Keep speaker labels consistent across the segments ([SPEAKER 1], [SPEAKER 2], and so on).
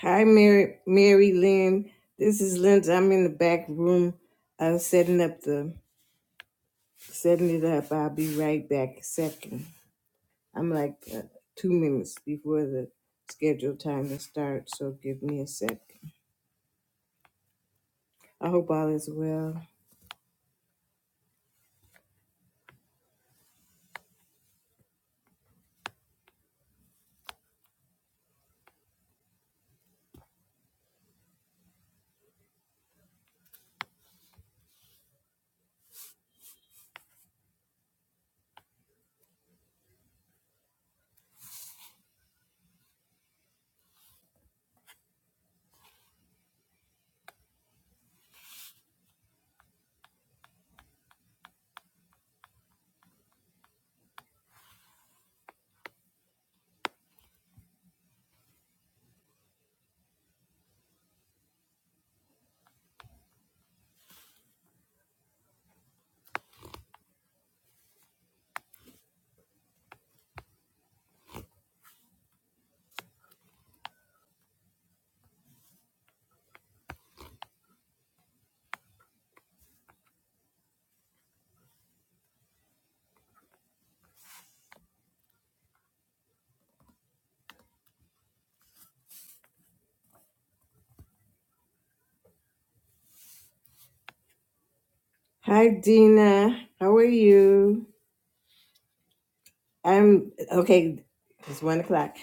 [SPEAKER 1] Hi, Mary, Mary Lynn. This is Linda. I'm in the back room uh, setting up the setting it up. I'll be right back a second. I'm like uh, two minutes before the scheduled time to start, so give me a sec. I hope all is well. Hi, Dina. How are you? I'm okay. It's one o'clock.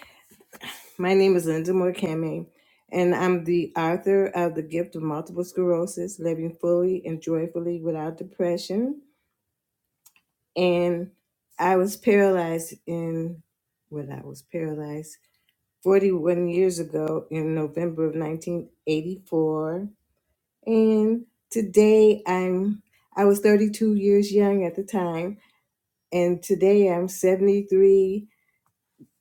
[SPEAKER 1] My name is Linda Morkame, and I'm the author of The Gift of Multiple Sclerosis Living Fully and Joyfully Without Depression. and I was paralyzed in well, I was paralyzed 41 years ago in November of 1984. And today I'm I was 32 years young at the time, and today I'm 73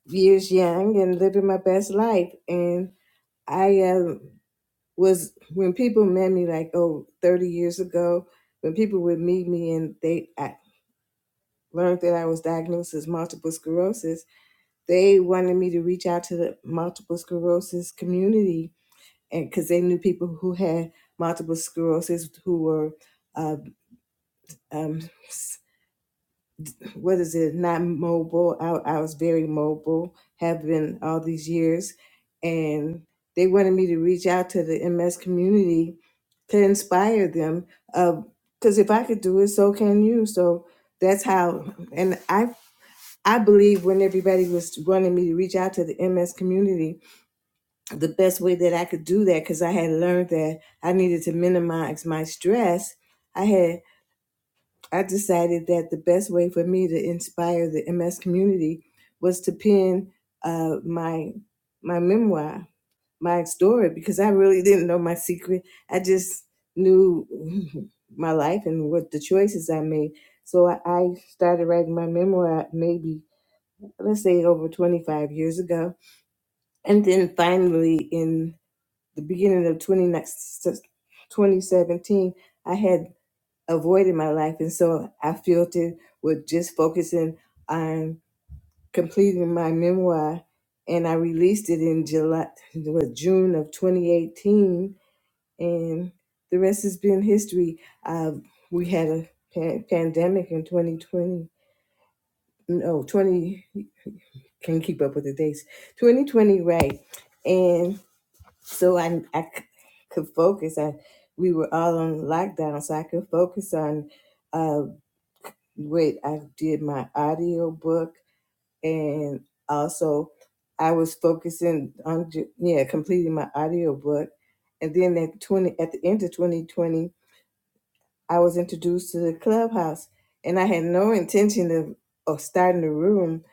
[SPEAKER 1] years young and living my best life. And I uh, was when people met me like oh 30 years ago, when people would meet me and they I learned that I was diagnosed as multiple sclerosis they wanted me to reach out to the multiple sclerosis community and because they knew people who had multiple sclerosis who were uh, um, what is it not mobile I, I was very mobile have been all these years and they wanted me to reach out to the ms community to inspire them because if i could do it so can you so that's how and i i believe when everybody was wanting me to reach out to the ms community the best way that I could do that because I had learned that I needed to minimize my stress. I had I decided that the best way for me to inspire the MS community was to pen uh, my my memoir, my story, because I really didn't know my secret. I just knew my life and what the choices I made. So I I started writing my memoir maybe let's say over 25 years ago, and then finally in the beginning of 20, next- 2017, I had a void in my life. And so I filled it with just focusing on completing my memoir. And I released it in July, it was June of 2018. And the rest has been history. Uh, we had a pan- pandemic in 2020. No, 20, can't keep up with the dates. 2020, right. and. so I, I c- could focus. I, we were all on lockdown, so I could focus on uh, wait. I did my audio book, and also I was focusing on ju- yeah completing my audio book, and then at twenty at the end of twenty twenty, I was introduced to the clubhouse, and I had no intention of of starting a room,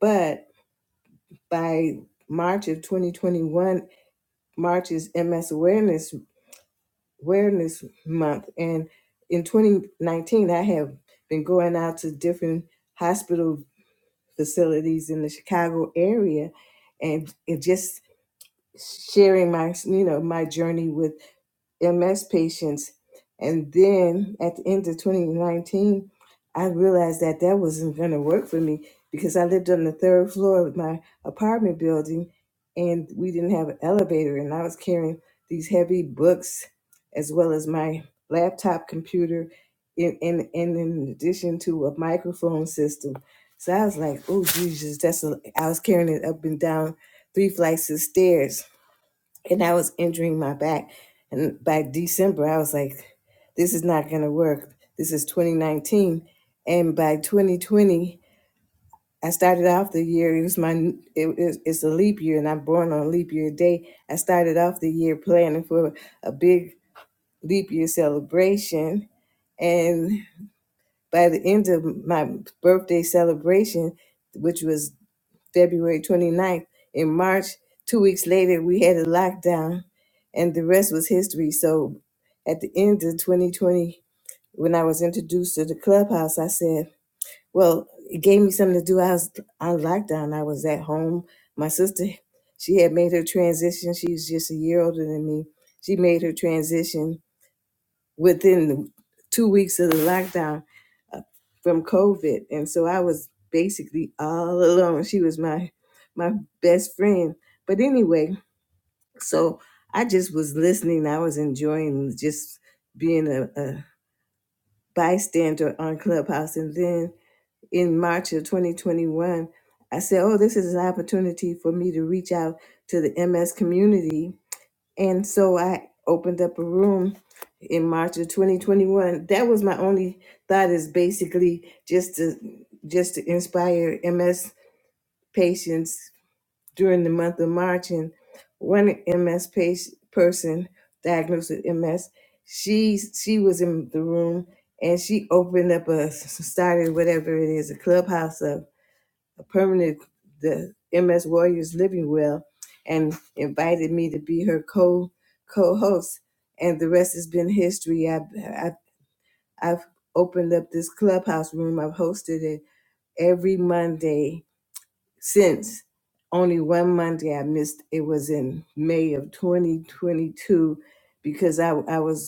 [SPEAKER 1] but by March of 2021, March's MS Awareness awareness month and in 2019 i have been going out to different hospital facilities in the chicago area and, and just sharing my you know my journey with. MS patients. And then at the end of 2019, I realized that that wasn't going to work for me because I lived on the third floor of my apartment building and we didn't have an elevator. And I was carrying these heavy books as well as my laptop computer in, in, and in addition to a microphone system. So I was like, oh, Jesus, that's a, I was carrying it up and down three flights of stairs and I was injuring my back. And by December, I was like, this is not going to work. This is 2019. And by 2020, I started off the year, it was my, it, it- it's a leap year, and I'm born on leap year day. I started off the year planning for a big leap year celebration. And by the end of my birthday celebration, which was. February 29th. In March, two weeks later, we had a lockdown, and the rest was history. So at the end of 2020, when I was introduced to the clubhouse, I said, Well, it gave me something to do. I was on lockdown, I was at home. My sister, she had made her transition. She's just a year older than me. She made her transition within the two weeks of the lockdown uh, from COVID, and so I was basically all alone. She was my my best friend, but anyway, so I just was listening. I was enjoying just being a, a bystander on Clubhouse, and then in March of 2021, I said, "Oh, this is an opportunity for me to reach out to the MS community." And so I opened up a room in March of 2021. That was my only thought is basically just to just to inspire MS patients during the month of March. And one MS patient, person diagnosed with MS, she she was in the room and she opened up a started whatever it is a clubhouse a permanent the MS Warriors Living Well and invited me to be her co co host. And the rest has been history. I've, I've I've opened up this clubhouse room. I've hosted it every Monday since. Only one Monday I missed. It was in May of 2022 because I I was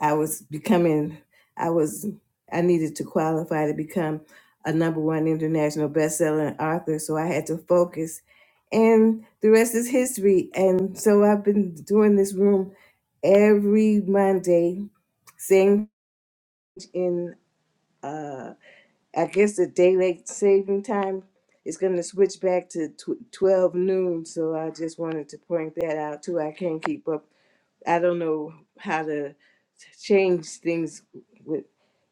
[SPEAKER 1] I was becoming, I was, I needed to qualify to become a number one international best-selling author. So I had to focus. And the rest is history. And so I've been doing this room every Monday, same in, uh, I guess the daylight saving time is going to switch back to tw- 12 noon. So I just wanted to point that out too. I can't keep up. I don't know how to change things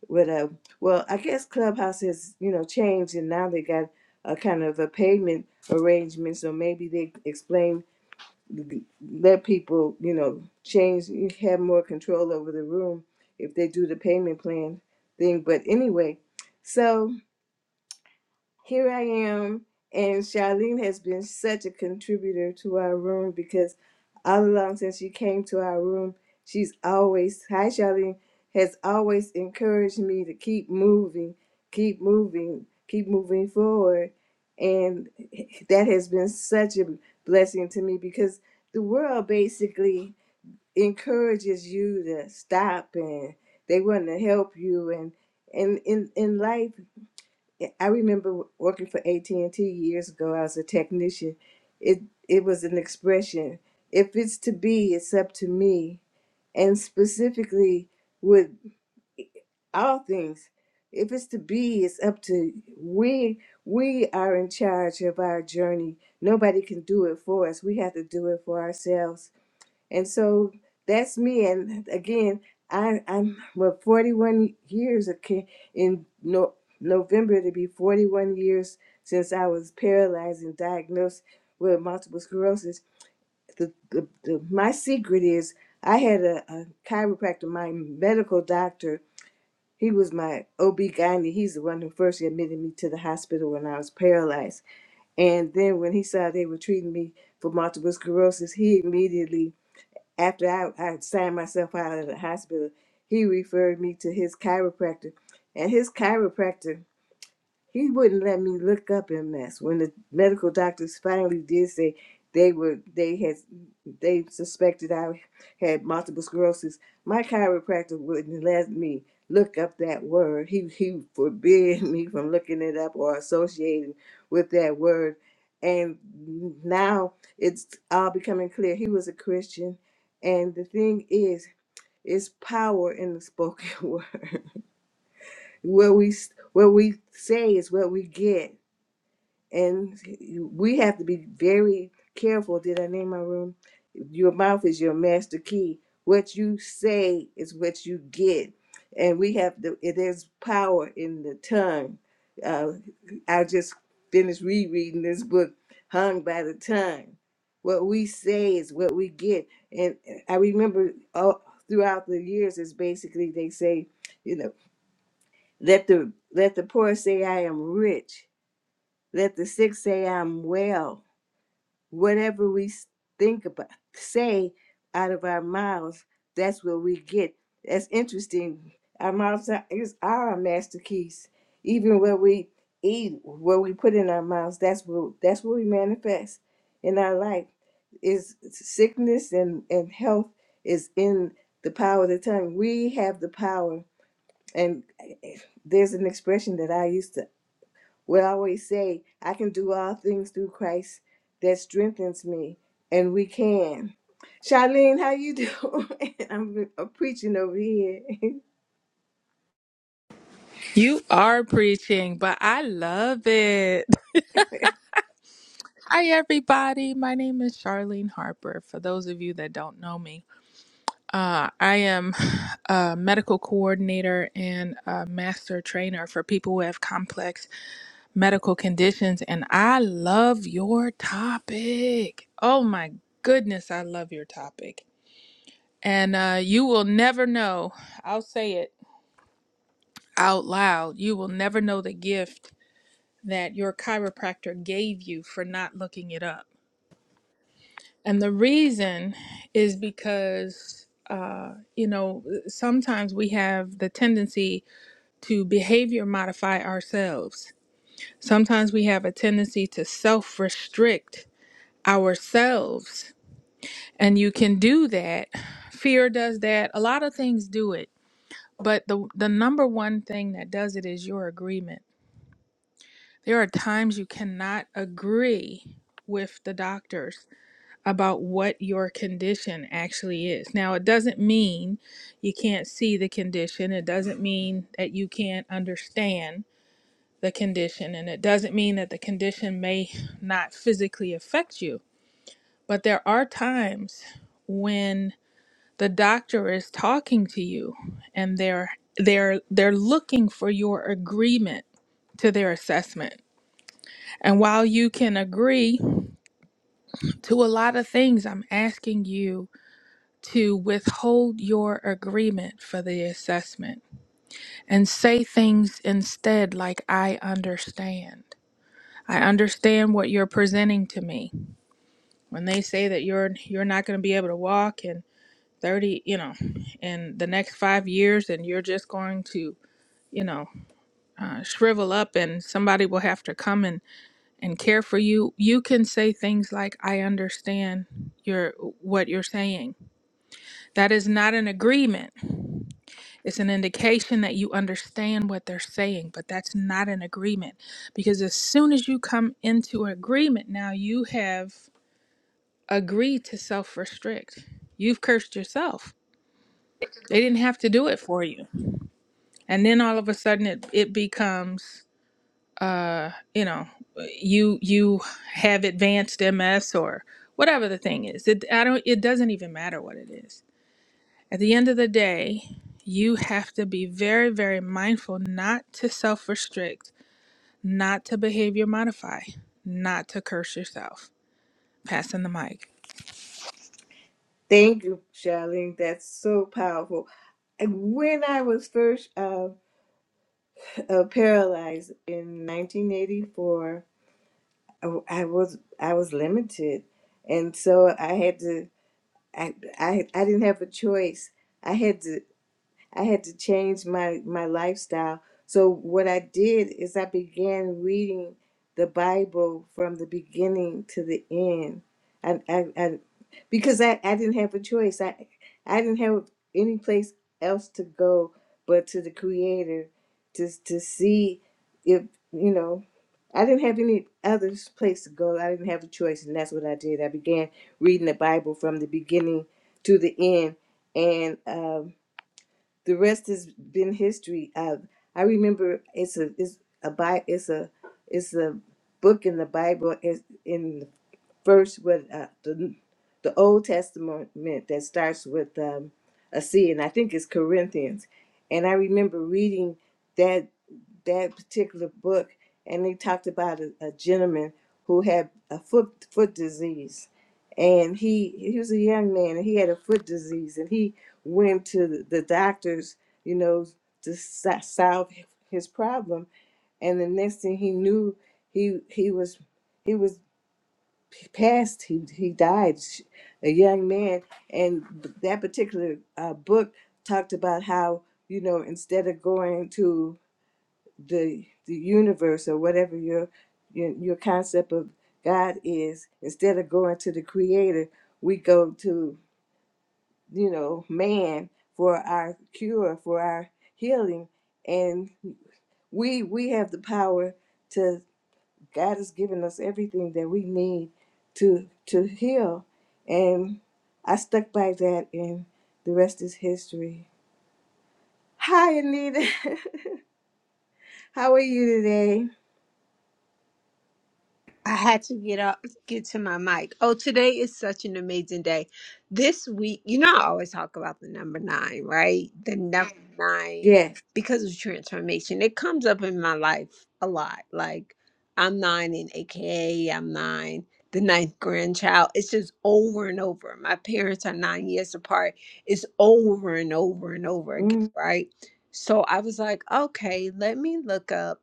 [SPEAKER 1] but uh, well, I guess Clubhouse has you know changed, and now they got a kind of a payment arrangement. So maybe they explain, let people you know change, you have more control over the room if they do the payment plan thing. But anyway, so here I am. And Charlene has been such a contributor to our room because all along since she came to our room, she's always, hi Charlene, has always encouraged me to keep moving, keep moving, keep moving forward. And that has been such a blessing to me because the world basically encourages you to stop and they want to help you and and in in life yeah, I remember working for AT&T years ago. I was a technician. It it was an expression. If it's to be, it's up to me. And specifically with all things, if it's to be, it's up to we we are in charge of our journey. Nobody can do it for us. We have to do it for ourselves and so that's me. And again, I, I'm well, 41 years okay, in no, November to be 41 years since I was paralyzed and diagnosed with multiple sclerosis. The, the, the, my secret is I had a, a chiropractor, my medical doctor. He was my OB-GYN. He's the one who first admitted me to the hospital when I was paralyzed. And then when he saw they were treating me for multiple sclerosis, he immediately after I, I signed myself out of the hospital, he referred me to his chiropractor. And his chiropractor he wouldn't let me look up MS. When the medical doctors finally did say they were they had they suspected I had multiple sclerosis, my chiropractor wouldn't let me look up that word. He he forbid me from looking it up or associating with that word. And now it's all becoming clear. He was a Christian, and the thing is, it's power in the spoken word. What we what we say is what we get and we have to be very careful. Did I name my room? Your mouth is your master key. What you say is what you get, and we have the. there's power in the tongue. Uh, I just finished rereading this book, "Hung by the Tongue." What we say is what we get, and I remember all throughout the years is basically they say, you know, let the let the poor say I am rich let the sick say, i a.m. well, whatever we think about, say out of our mouths, that's what we get. That's interesting. Our mouths are, is our master keys. Even what we eat, what we put in our mouths, that's what that's what we manifest in our life. Is sickness and and health is in the power of the tongue. We have the power, and eh, there's an expression that I used to. What I always say, I can do all things through Christ that strengthens me, and we can. Charlene, how you doing? I'm, I'm preaching over here.
[SPEAKER 2] You are preaching, but I love it. Hi, everybody. My name is Charlene Harper. For those of you that don't know me, uh, I am a medical coordinator and a master trainer for people who have complex medical conditions. And I love your topic. Oh, my goodness, I love your topic. And uh, you will never know, I'll say it out loud, you will never know the gift. that your chiropractor gave you for not looking it up. And the reason is because, uh, you know, sometimes we have the tendency to behavior modify ourselves. Sometimes we have a tendency to self restrict ourselves. And you can do that. Fear does that. A lot of things do it. But the, the number one thing that does it is your agreement. There are times you cannot agree with the doctors about what your condition actually is. Now, it doesn't mean you can't see the condition, it doesn't mean that you can't understand the condition, and it doesn't mean that the condition may not physically affect you. But there are times when the doctor is talking to you and they're they're they're looking for your agreement to their assessment. And while you can agree to a lot of things, I'm asking you to withhold your agreement for the assessment and say things instead like, I understand. I understand what you're presenting to me. When they say that you're you're not going to be able to walk in 30, you know, in the next five years, and you're just going to, you know, uh, shrivel up, and somebody will have to come and and care for you. You can say things like, "I understand your what you're saying." That is not an agreement. It's an indication that you understand what they're saying, but that's not an agreement. Because as soon as you come into agreement, now you have agreed to self restrict. You've cursed yourself. They didn't have to do it for you. And then all of a sudden it, it becomes uh, you know, you you have advanced MS or whatever the thing is. It I don't it doesn't even matter what it is. At the end of the day, you have to be very, very mindful not to self restrict, not to behavior modify, not to curse yourself. Passing the mic.
[SPEAKER 1] Thank you, Charlene. That's so powerful. And When I was first uh, p- uh, paralyzed in 1984, I w- I was I was limited, and so I had to. I, I I didn't have a choice. I had to. I had to change my my lifestyle. So what I did is I began reading the Bible from the beginning to the end. I, I, I because I, I didn't have a choice. I I didn't have any place else to go but to the Creator, to to see if you know. I didn't have any other place to go. I didn't have a choice, and that's what I did. I began reading the Bible from the beginning to the end, and. Um, the rest has been history. Uh, I remember it's a it's a bi- it's a it's a book in the Bible is in first with uh, the the Old Testament that starts with um, a C, and I think it's Corinthians. And I remember reading that that particular book, and they talked about a, a gentleman who had a foot foot disease, and he he was a young man, and he had a foot disease, and he went to the the doctors, you know, to so- solve his problem. And the next thing he knew, he he was he was p- passed he he died sh- a young man and b- that particular uh, book talked about how you know instead of going to the the universe or whatever your your, your concept of god is instead of going to the creator we go to you know man for our cure for our healing and we we have the power God has given us everything that we need to to heal. And I stuck by that and the rest is history. Hi Anita. How are you today?
[SPEAKER 3] I had to get up, get to my mic. Oh, today is such an amazing day. This week, you know, I always talk about the number nine, right? The number Mhm. nine,
[SPEAKER 1] Yes.
[SPEAKER 3] because of transformation, it comes up in my life a lot. Like, I'm nine in AKA, I'm nine, the ninth grandchild. It's just over and over. My parents are nine years apart. It's over and over and over again,
[SPEAKER 1] Mm-hmm.
[SPEAKER 3] right? So I was like, okay, let me look up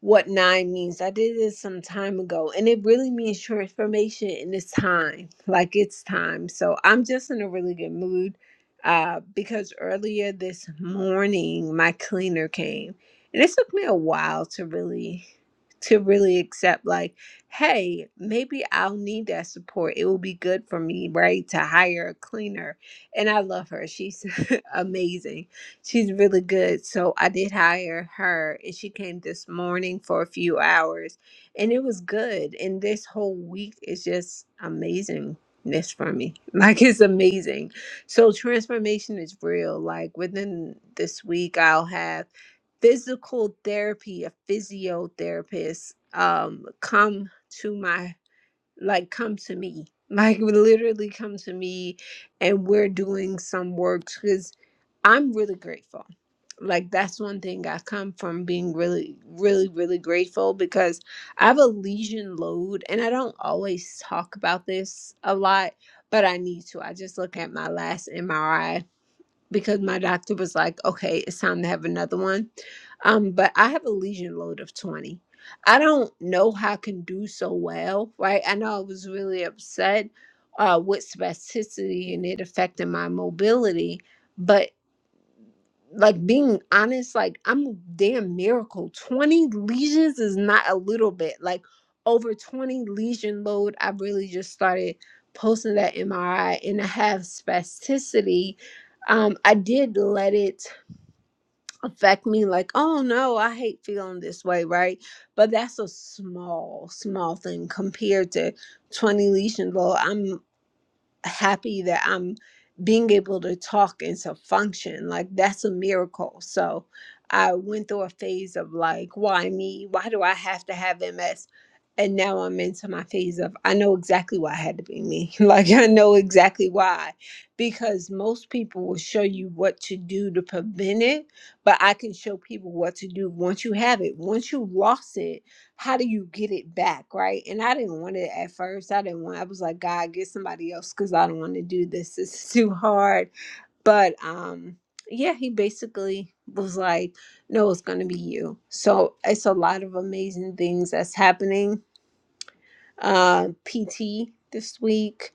[SPEAKER 3] what nine means. I did this some time ago, and it really means transformation, and it's time. Like it's time. So I'm just in a really good mood uh, because earlier this morning my cleaner came, and it took me a while to really to really accept like hey maybe i'll need that support it will be good for me right to hire a cleaner and i love her she's amazing She's really good. So I did hire her and she came this morning for a few hours and it was good. And this whole week is just amazingness for me. Like it's amazing. So transformation is real. Like within this week I'll have physical therapy, a physiotherapist um come to my like come to me. Like literally come to me and we're doing some work because I'm really grateful like that's one thing I come from being really, really, really grateful because I have a lesion load and I don't always talk about this a lot, but I need to. I just look at my last MRI because my doctor was like, okay, it's time to have another one. Um, but I have a lesion load of 20. I don't know how I can do so well, right? I know I was really upset uh, with spasticity and it affected my mobility but like being honest, like I'm a damn miracle. 20 lesions is not a little bit. Like over 20 lesion load, I really just started posting that MRI and I have spasticity. Um, I did let it affect me, like, oh no, I hate feeling this way, right? But that's a small, small thing compared to 20 lesion load. I'm happy that I'm being able to talk and to function. Like that's a miracle. So I went through a phase of like, why me? Why do I have to have MS? And now I'm into my phase of I know exactly why I had to be me. Like I know exactly why. Because most people will show you what to do to prevent it, but I can show people what to do once you have it. Once you lost it, how do you get it back right and i didn't want it at first i didn't want i was like god get somebody else because i don't want to do this it's too hard but um yeah he basically was like no it's going to be you so it's a lot of amazing things that's happening uh, PT this week,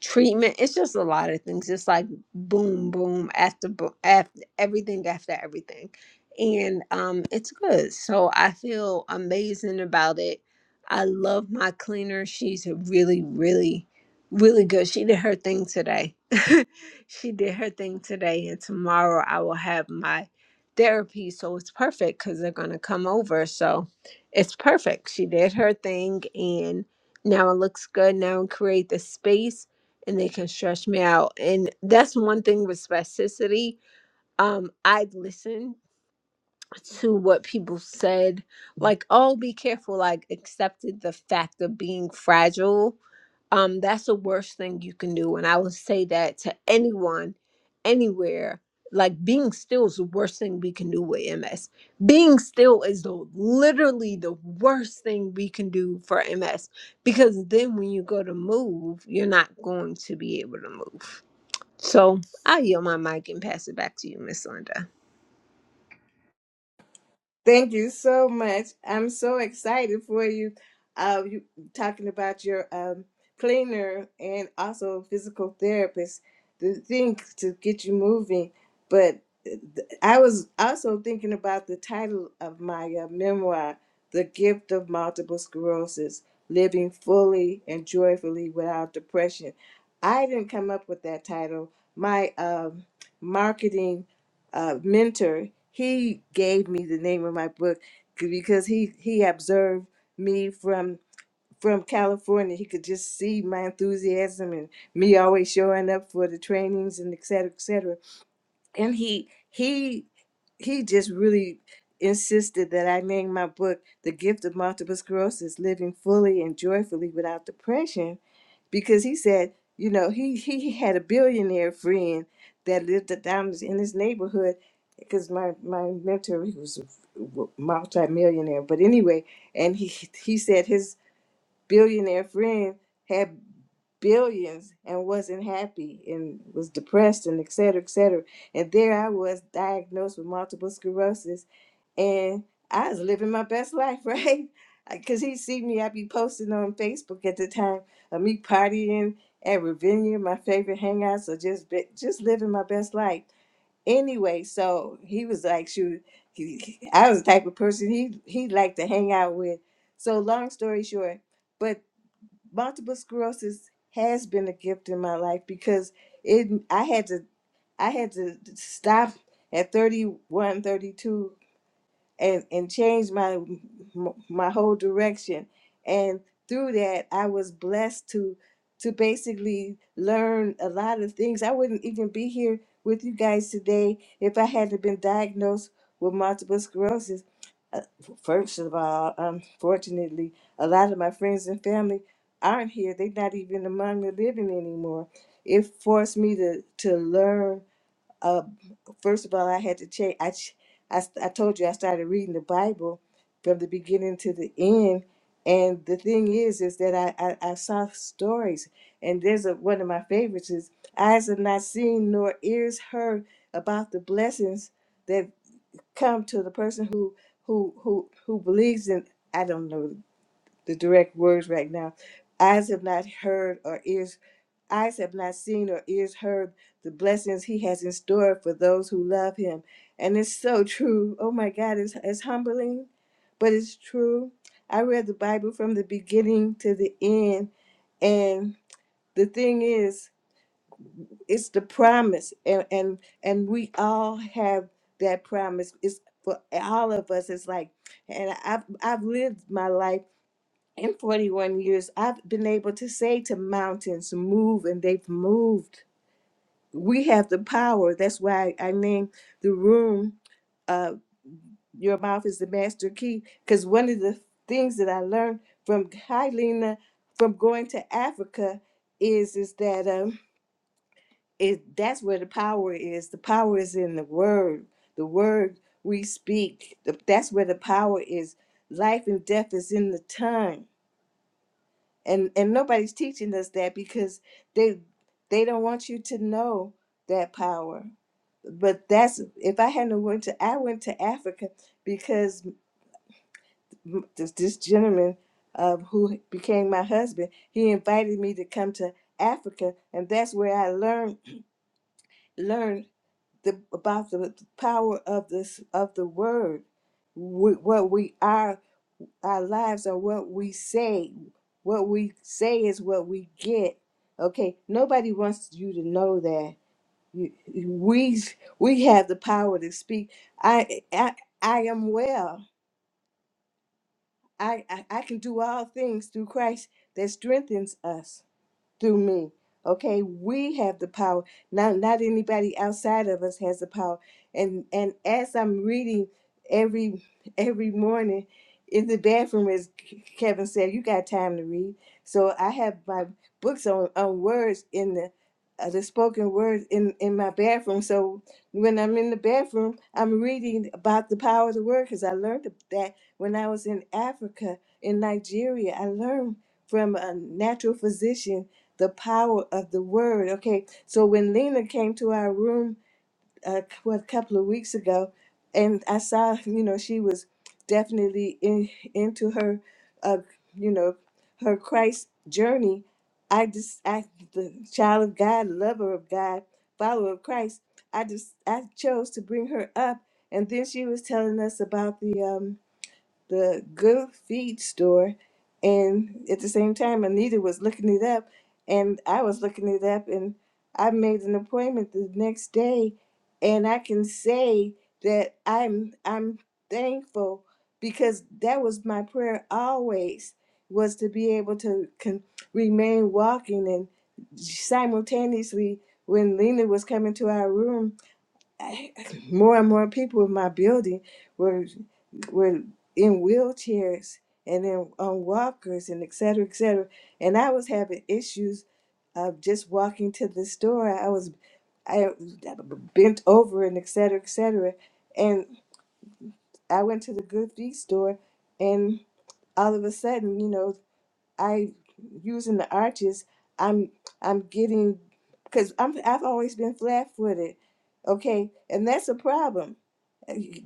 [SPEAKER 3] treatment. It's just a lot of things. It's like boom, boom after boom, after everything after everything, and um, it's good. So I feel amazing about it. I love my cleaner. She's a really, really, really good. She did her thing today. she did her thing today, and tomorrow I will have my therapy. So it's perfect because they're gonna come over. So it's perfect. She did her thing, and now it looks good now create the space and they can stretch me out and that's one thing with spasticity um i've listened to what people said like oh be careful like accepted the fact of being fragile um that's the worst thing you can do and i would say that to anyone anywhere like being still is the worst thing we can do with ms being still is the literally the worst thing we can do for ms because then when you go to move you're not going to be able to move so i yield my mic and pass it back to you miss linda
[SPEAKER 1] Thank you so much. I'm so excited for you. Uh, you talking about your um, cleaner and also physical therapist, the things to get you moving. But uh, th- I was also thinking about the title of my uh, memoir, "The Gift of Multiple Sclerosis: Living Fully and Joyfully Without Depression." I didn't come up with that title. My um, marketing uh, mentor, he gave me the name of my book because he he observed me from from California. He could just see my enthusiasm and me always showing up for the trainings and et cetera, et cetera and he he he just really insisted that I name my book The Gift of Multiple Sclerosis Living Fully and Joyfully Without Depression because he said, you know, he he had a billionaire friend that lived down in his neighborhood because my my mentor he was a multimillionaire but anyway and he he said his billionaire friend had billions and wasn't happy and was depressed and et cetera, et cetera. And there I was diagnosed with multiple sclerosis and I was living my best life, right? Because he see me, I'd be posting on Facebook at the time of me partying at Ravinia, my favorite hangout. So just be- just living my best life. Anyway, so he was like, shoot, he, I was the type of person he he liked to hang out with. So long story short, but multiple sclerosis has been a gift in my life because it I had to I had to stop at thirty one, thirty two and and changed my my whole direction and through that i was blessed to to basically learn a lot of things i wouldn't even be here with you guys today if i hadn't been diagnosed with multiple sclerosis Uh, first of all unfortunately a lot of my friends and family aren't here they're not even among the living anymore it forced me to to learn uh, first of all, I had to change. I, ch- I, st- I told you I started reading the Bible from the beginning to the end. And the thing is, is that I, I, I saw stories. And there's a, one of my favorites is eyes have not seen nor ears heard about the blessings that come to the person who who who who believes in. I don't know the direct words right now. Eyes have not heard or ears, eyes have not seen or ears heard the blessings he has in store for those who love him. And it's so true. Oh my God, it's, it's humbling, but it's true. I read the Bible from the beginning to the end, and the thing is, it's the promise, and and and we all have that promise. It's for all of us. It's like, and I've I've lived my life in 41 years, I've been able to say to mountains, move, and they've moved. We have the power. That's why I named the room, uh, Your Mouth is the Master Key, because one of the things that I learned from Hylena, from going to Africa, is is that um, it, that's where the power is. The power is in the word. The word we speak. The, that's where the power is. Life and death is in the tongue and and nobody's teaching us that because they they don't want you to know that power but that's if i hadn't went to i went to africa because m- this, this gentleman uh, who became my husband he invited me to come to africa and that's where i learned learned the, about the power of this of the word wh- what we are our lives are what we say. What we say is what we get. Okay, nobody wants you to know that You- we we have the power to speak. I I, I am well. I, I I can do all things through Christ that strengthens us through me. Okay, we have the power. Not not anybody outside of us has the power. And and as I'm reading every every morning in the bathroom, as Kevin said, you got time to read. So I have my books on, on words in the uh, the spoken words in in my bathroom. So when I'm in the bathroom, I'm reading about the power of the word because I learned that when I was in Africa, in Nigeria, I learned from a natural physician the power of the word. Okay, so when Lena came to our room uh, a couple of weeks ago, and I saw, you know, she was definitely in, into her, uh, you know, her Christ journey. I just, I, the child of God, lover of God, follower of Christ. I just, I chose to bring her up, and then she was telling us about the um, the Good Feed store, and at the same time, Anita was looking it up, and I was looking it up, and I made an appointment the next day, and I can say that I'm I'm thankful because that was my prayer always was to be able to con- remain walking and simultaneously when Lena was coming to our room, I, more and more people in my building were were in wheelchairs and in on walkers and et cetera, et cetera. And I was having issues of just walking to the store. I was I bent over and et cetera, et cetera. And I went to the Good Feet store and all of a sudden, you know, I using the arches, I'm I'm getting because I'm I've always been flat footed. Okay, and that's a problem.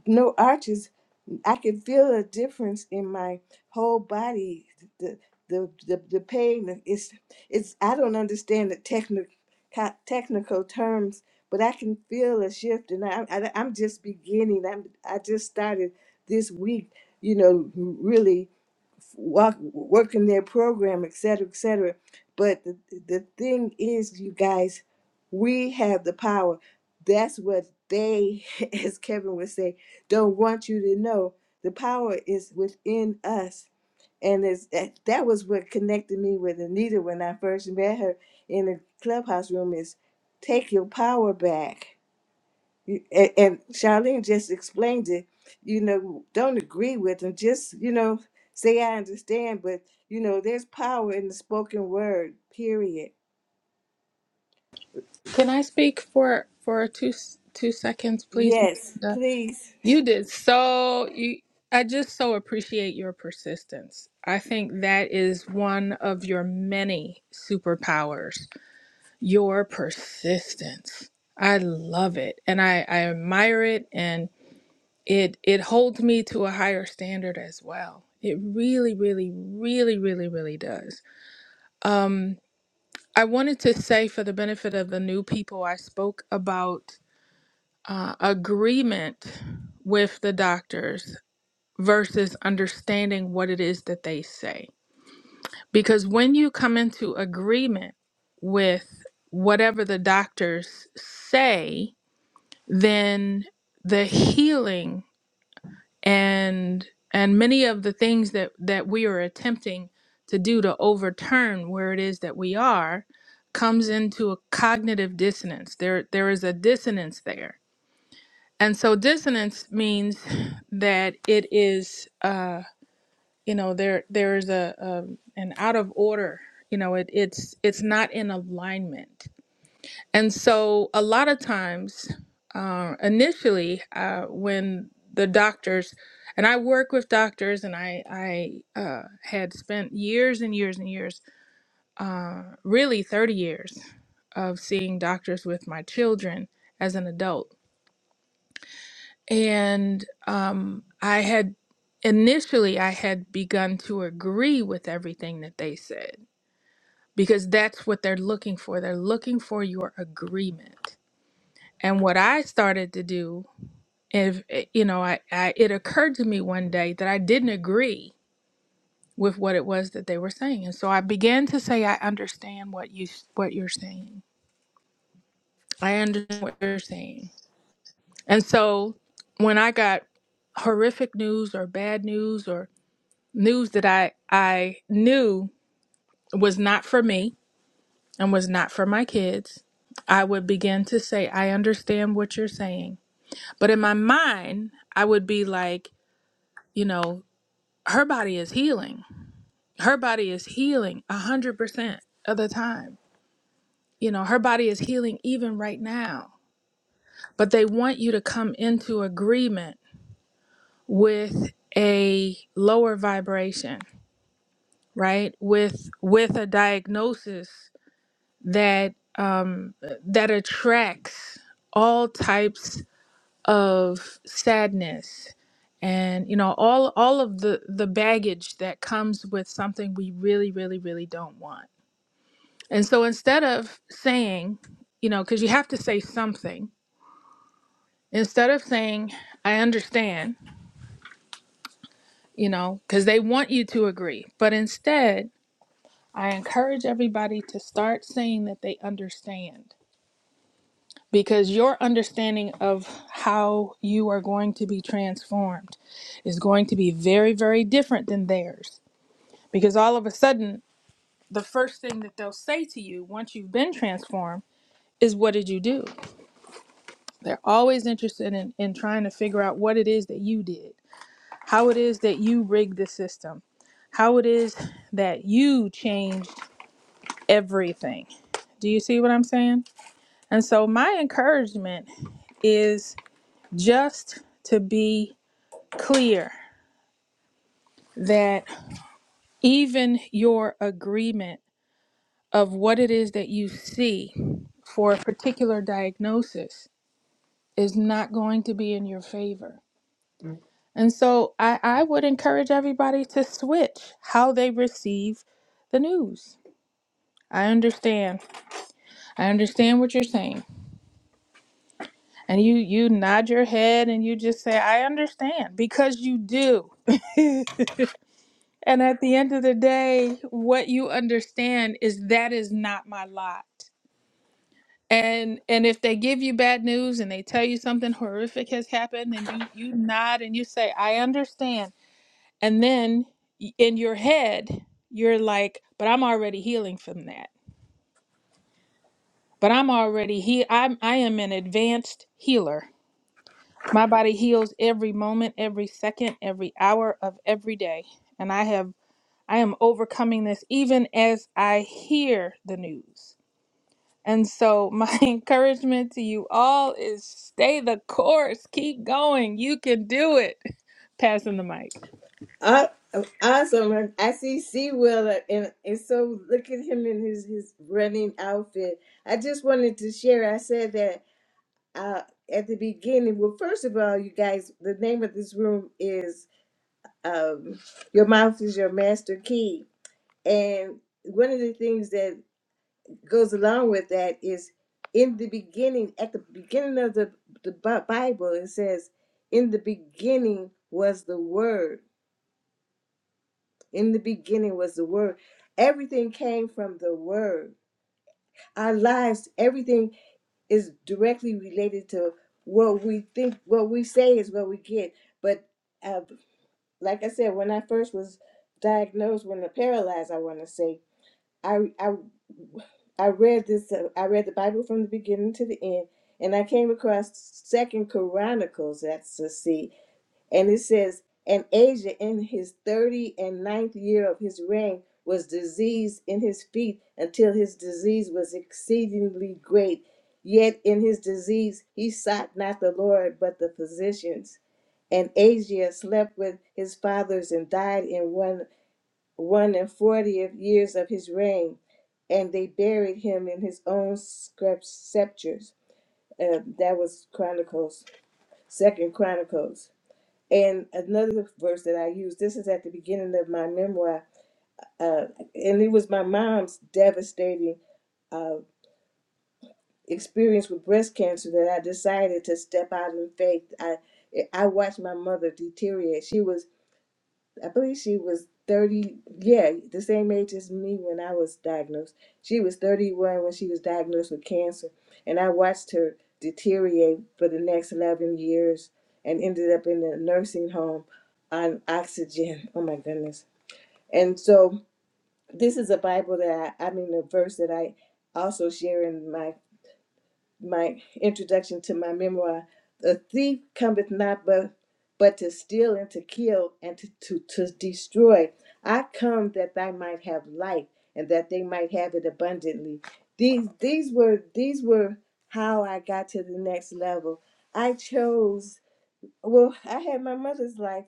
[SPEAKER 1] No arches I can feel a difference in my whole body. The the the, the pain is it's I don't understand the technical technical terms, but I can feel a shift, and I, I I'm just beginning. I'm I just started this week, you know, really walk, work in their program, et cetera, et cetera. But the, the thing is, you guys, we have the power. That's what they, as Kevin would say, don't want you to know. The power is within us. And it's, that, that was what connected me with Anita when I first met her in the clubhouse room is take your power back you- And, and Charlene just explained it. You know, don't agree with them. Just you know, say I understand, but you know, there's power in the spoken word. Period.
[SPEAKER 2] Can I speak for for two s- two seconds, please, Miss
[SPEAKER 1] Yes,
[SPEAKER 2] Linda?
[SPEAKER 1] please.
[SPEAKER 2] You did so. You, I just so appreciate your persistence. I think that is one of your many superpowers. Your persistence. I love it, and I I admire it, and it it holds me to a higher standard as well. It really, really, really, really, really does. Um, I wanted to say for the benefit of the new people, I spoke about uh, agreement with the doctors versus understanding what it is that they say. Because when you come into agreement with whatever the doctors say, then the healing and and many of the things that that we are attempting to do to overturn where it is that we are comes into a cognitive dissonance there there is a dissonance there and so dissonance means that it is uh you know there there is a, a an out of order you know it it's it's not in alignment and so, a lot of times, uh, initially, uh, when the doctors, and I work with doctors, and I, I uh, had spent years and years and years, uh, really 30 years, of seeing doctors with my children as an adult. And um, I had initially, I had begun to agree with everything that they said because that's what they're looking for. They're looking for your agreement And what I started to do, if eh, you know, I, I it occurred to me one day that I didn't agree with what it was that they were saying, and so I began to say, "I understand what you what you're saying. I understand what you're saying." And so when I got horrific news or bad news or news that I I knew was not for me and was not for my kids, I would begin to say, "I understand what you're saying." But in my mind, I would be like, you know her body is healing. Her body is healing 100% of the time. You know, her body is healing even right now. But they want you to come into agreement with a lower vibration, right? With with a diagnosis that um that attracts all types of sadness and you know all all of the the baggage that comes with something we really really really don't want And so instead of saying, you know, because you have to say something, instead of saying, I understand, you know, because they want you to agree, but instead, I encourage everybody to start saying that they understand because your understanding of how you are going to be transformed is going to be very, very different than theirs. Because all of a sudden, the first thing that they'll say to you once you've been transformed is, What did you do? They're always interested in, in trying to figure out what it is that you did, how it is that you rigged the system, how it is that you changed everything. Do you see what I'm saying? And so, my encouragement is just to be clear that even your agreement of what it is that you see for a particular diagnosis is not going to be in your favor And so I, I would encourage everybody to switch how they receive the news. I understand. I understand what you're saying. And you you nod your head and you just say, I understand, because you do. and at the end of the day, what you understand is that is not my lot. And and if they give you bad news and they tell you something horrific has happened and you you nod and you say, I understand And then y- in your head, you're like, but I'm already healing from that. But I'm already he I'm I am an advanced healer. My body heals every moment, every second, every hour of every day. And I have I am overcoming this even as I hear the news. And so my encouragement to you all is stay the course, keep going. You can do it. Passing the mic.
[SPEAKER 1] Uh, awesome. I see C. Wheeler, and, and so look at him in his, his running outfit. I just wanted to share. I said that uh, at the beginning. Well, first of all, you guys, the name of this room is um, Your Mouth is Your Master Key And one of the things that goes along with that is in the beginning, at the beginning of the, the Bi- Bible, it says, In the beginning was the Word. In the beginning was the Word. Everything came from the Word. Our lives, everything is directly related to what we think, what we say is what we get. But uh, like I said, when I first was diagnosed with a paralyzed, I want to say, I I I read this. Uh, I read the Bible from the beginning to the end, and I came across Second Chronicles. That's a C, and it says, "And Asa, in his thirty and ninth year of his reign, was diseased in his feet until his disease was exceedingly great. Yet in his disease he sought not the Lord, but the physicians. And Asa slept with his fathers and died in one." one and fortieth years of his reign, and they buried him in his own screp- scepters. Uh, that was Chronicles, Second Chronicles. And another verse that I used. This is at the beginning of my memoir, uh, and it was my mom's devastating uh, experience with breast cancer that I decided to step out in faith. I I watched my mother deteriorate. She was I believe she was 30, yeah, the same age as me when I was diagnosed. She was 31 when she was diagnosed with cancer, and I watched her deteriorate for the next 11 years and ended up in a nursing home on oxygen. Oh my goodness. And so, this is a Bible that I, I mean, a verse that I also share in my my introduction to my memoir. The thief cometh not but but to steal and to kill and to, to, to destroy. I come that they might have life and that they might have it abundantly. These these were these were how I got to the next level. I chose well, I had my mother's life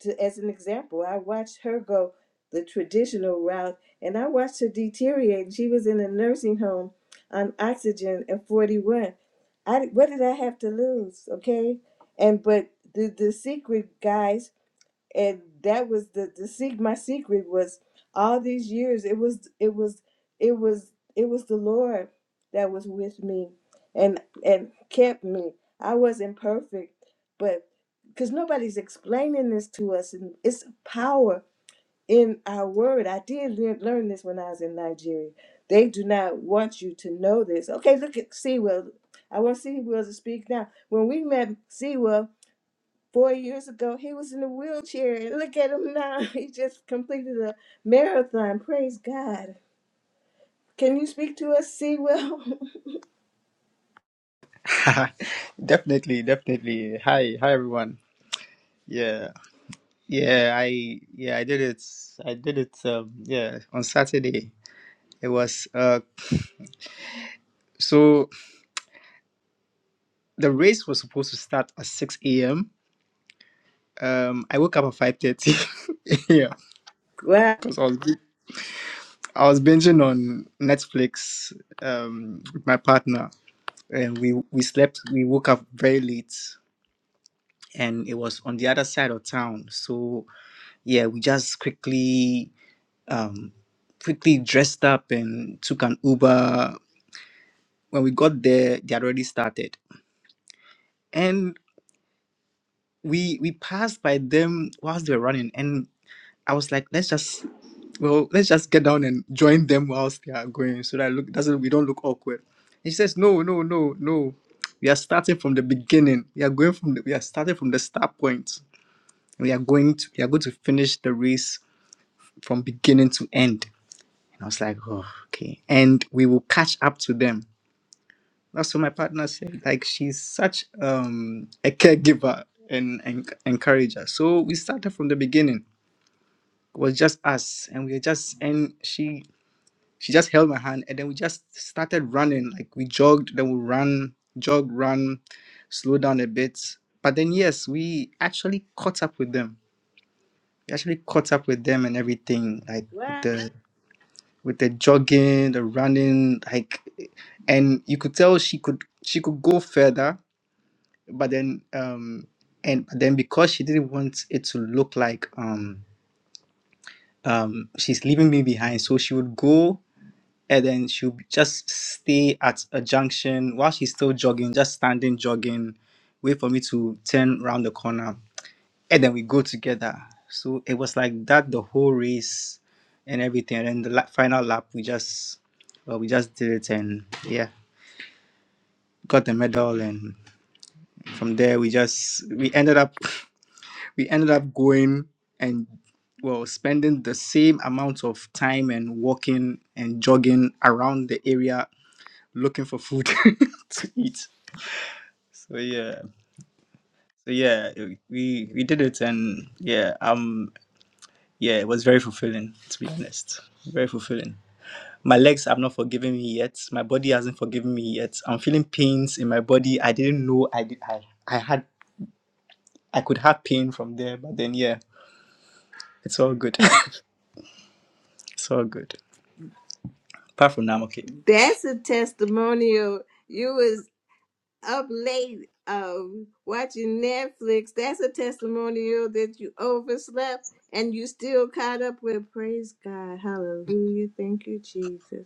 [SPEAKER 1] to, as an example. I watched her go the traditional route and I watched her deteriorate. She was in a nursing home on oxygen at 41. I, what did I have to lose? Okay. And, but the, the secret, guys, and that was the the sec- my secret was all these years it was it was it was it was the lord that was with me and and kept me i wasn't perfect but because nobody's explaining this to us and it's power in our word i did lear- learn this when i was in nigeria they do not want you to know this okay look at sewell i want sewell to speak now when we met Sewell, four years ago, he was in a wheelchair. And look at him now. He just completed a marathon. Praise God. Can you speak to us, Sewell?
[SPEAKER 4] definitely, definitely. Hi, hi everyone. Yeah, yeah. I yeah, I did it. I did it. Um, yeah, on Saturday. It was uh. So the race was supposed to start at six a.m. Um, I woke up at five thirty. yeah,
[SPEAKER 1] Wow.
[SPEAKER 4] because I was bin- I was binging on Netflix. Um, with my partner, and we we slept. We woke up very late, and it was on the other side of town. So yeah, we just quickly um, quickly dressed up and took an Uber. When we got there, they had already started, and we we passed by them whilst they were running. And I was like, let's just well, let's just get down and join them whilst they are going, so that look doesn't we don't look awkward. And she says, no, no, no, no. We are starting from the beginning. We are going from the, we are starting from the start point. We are going to we are going to finish the race from beginning to end. And I was like, oh, okay. And we will catch up to them that's what my partner said. Like she's such um a caregiver and, and encourager. So we started from the beginning. It was just us, and we were just and she she just held my hand, and then we just started running. Like we jogged, then we ran, jog, run, slow down a bit. But then yes, we actually caught up with them. We actually caught up with them and everything, like with
[SPEAKER 1] Wow.
[SPEAKER 4] the with the jogging, the running, like, and you could tell she could she could go further but then um and but then because she didn't want it to look like um um she's leaving me behind so she would go and then she would just stay at a junction while she's still jogging just standing jogging wait for me to turn round the corner and then we go together so it was like that the whole race and everything and then the la- final lap we just well we just did it and yeah got the medal and from there we just we ended up we ended up going and well spending the same amount of time and walking and jogging around the area looking for food to eat so yeah so yeah it- we we did it and yeah um yeah it was very fulfilling to be honest very fulfilling my legs have not forgiven me yet my body hasn't forgiven me yet i'm feeling pains in my body i didn't know i did i, I had i could have pain from there but then yeah it's all good it's all good apart from now I'm okay
[SPEAKER 1] That's a testimonial. You was up late um, watching Netflix. That's a testimonial that you overslept and you still caught up with. Praise God. Hallelujah. Thank you, Jesus.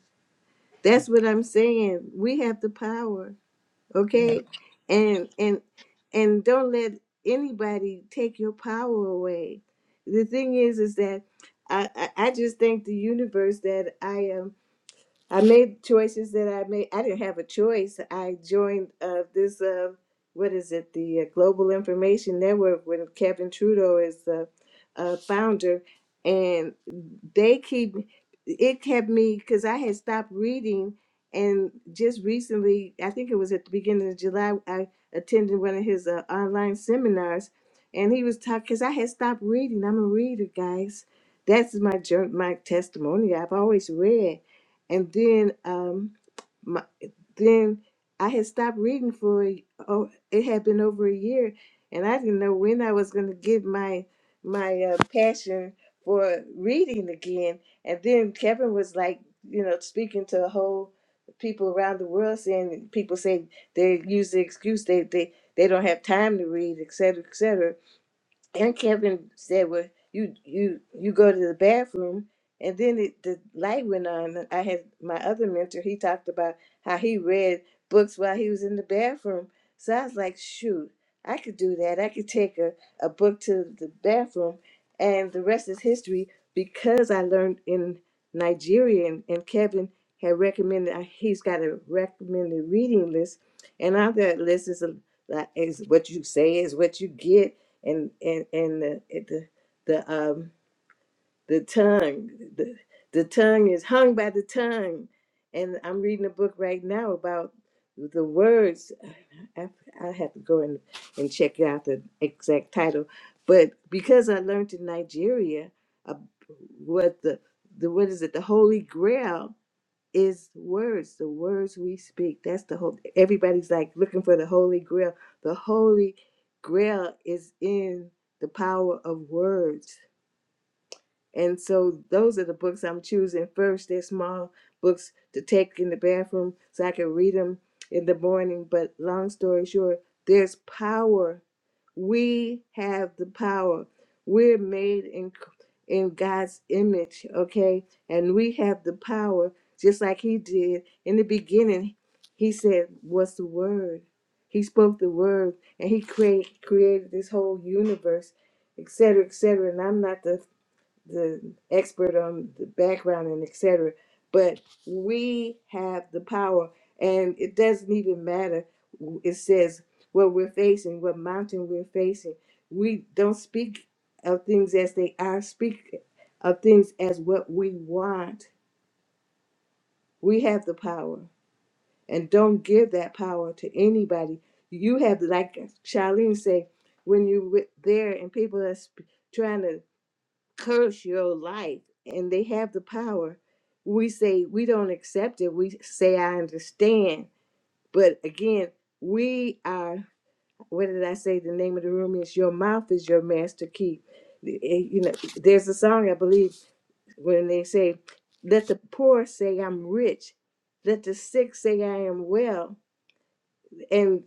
[SPEAKER 1] That's what I'm saying. We have the power. okay and and and don't let anybody take your power away the thing is is that i i, I just thank the universe that i am I made choices that I made. I didn't have a choice. I joined uh, this, uh, what is it, the uh, Global Information Network when Kevin Trudeau is the uh, founder. And they keep, it kept me, because I had stopped reading. And just recently, I think it was at the beginning of July, I attended one of his uh, online seminars. And he was talking, because I had stopped reading. I'm a reader, guys. That's my jour- my testimony. I've always read and then um my, then I had stopped reading for a- oh it had been over a year and I didn't know when I was going to get my my uh, passion for reading again and then Kevin was like you know speaking to a whole people around the world saying people say they use the excuse they they they don't have time to read et cetera, et cetera and Kevin said, "Well, you you you go to the bathroom." And then it, the light went on. I had my other mentor. He talked about how he read books while he was in the bathroom. So I was like, "Shoot, I could do that. I could take a, a book to the bathroom." And the rest is history because I learned in Nigeria, and, and Kevin had recommended. uh, He's got a recommended reading list, and on that list is a is what you say is what you get and and and the it- the the um the tongue the the tongue is hung by the tongue and i'm reading a book right now about the words i, I have to go and, and check out the exact title but because i learned in nigeria uh, what the the what is it the holy grail is words, the words we speak. That's the whole. Everybody's like looking for the Holy Grail. The Holy Grail is in the power of words. And so those are the books I'm choosing first. They're small books to take in the bathroom so I can read them in the morning. But long story short, there's power we have the power. We're made in in God's image, okay? And we have the power just like he did in the beginning. He said, "What's the word?" He spoke the word and he create, created this whole universe, et cetera, et cetera. And I'm not the the expert on the background and etc. But we have the power, and it doesn't even matter. It says what we're facing, what mountain we're facing. We don't speak of things as they are. Speak of things as what we want. We have the power, and don't give that power to anybody. You have, like Charlene say, when you're there and people are sp- trying to curse your life and they have the power we say we don't accept it we say i understand but again we are what did i say the name of the room is your mouth is your master key eh, you know there's a song i believe when they say let the poor say i'm rich let the sick say i am well and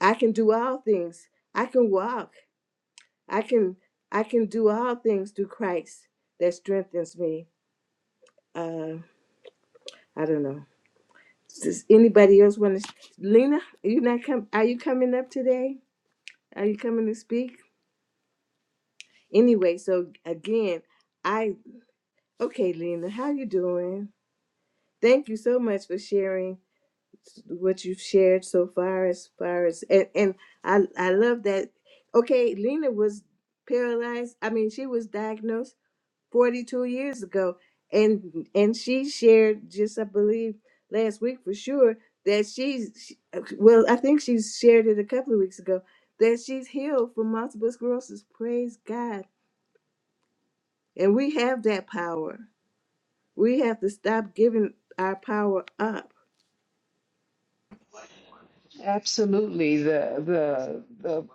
[SPEAKER 1] i can do all things i can walk i can i can do all things through christ that strengthens me Uh, I don't know. Does anybody else want to? Lena, you not come? Are you coming up today? Are you coming to speak? Anyway, so again, I okay, Lena, how you doing? Thank you so much for sharing what you've shared so far. As far as and, and I, I love that. Okay, Lena was paralyzed. I mean, she was diagnosed 42 years ago and and she shared just i believe last week for sure that she's she- well i think she shared it a couple of weeks ago that she's healed from multiple sclerosis praise god and we have that power we have to stop giving our power up
[SPEAKER 5] Absolutely. The the the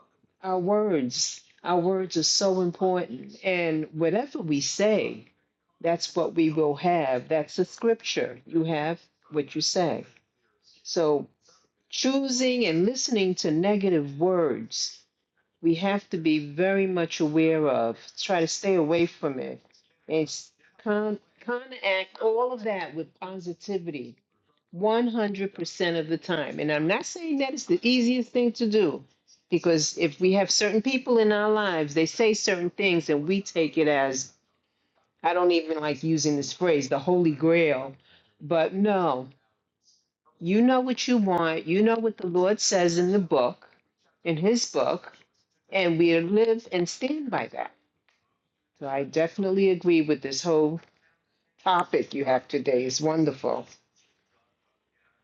[SPEAKER 5] our words, our words are so important. And whatever we say, that's what we will have. That's the scripture. You have what you say. So choosing and listening to negative words, we have to be very much aware of. Try to stay away from it. And s- con counteract all of that with positivity 100% of the time. And I'm not saying that it's the easiest thing to do because if we have certain people in our lives, they say certain things and we take it as, I don't even like using this phrase, the Holy Grail. But no, you know what you want. You know what the Lord says in the book, in his book, and we live and stand by that. So I definitely agree with this whole topic you have today. It's wonderful.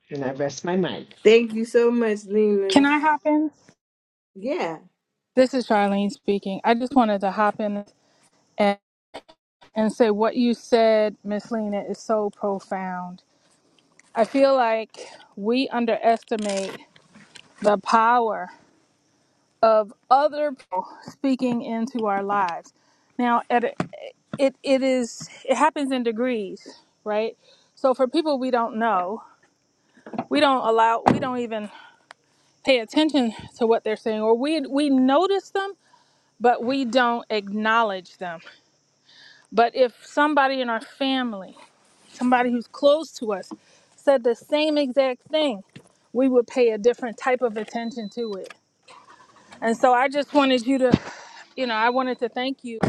[SPEAKER 5] And I rest my mind.
[SPEAKER 1] thank you so much lena
[SPEAKER 2] Can I hop in?
[SPEAKER 1] yeah
[SPEAKER 2] This is Charlene speaking. I just wanted to hop in and and, and say what you said, Miss Lena, is so profound. I feel like we underestimate the power of other people speaking into our lives. Now, at a- it it is it happens in degrees, right? So for people we don't know, we don't allow, we don't even pay attention to what they're saying, or we we notice them, but we don't acknowledge them. But if somebody in our family somebody who's close to us said the same exact thing, we would pay a different type of attention to it. And so I just wanted you to, you know, I wanted to thank you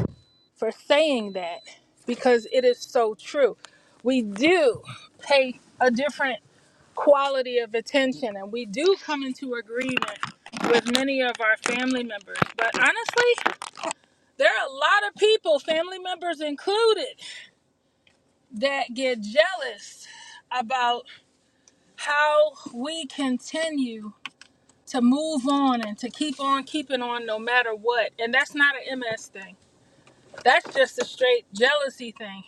[SPEAKER 2] for saying that because it is so true. We do pay a different quality of attention and we do come into agreement with many of our family members. But honestly, there are a lot of people, family members included, that get jealous about how we continue to move on and to keep on keeping on no matter what. And that's not an MS thing. That's just a straight jealousy thing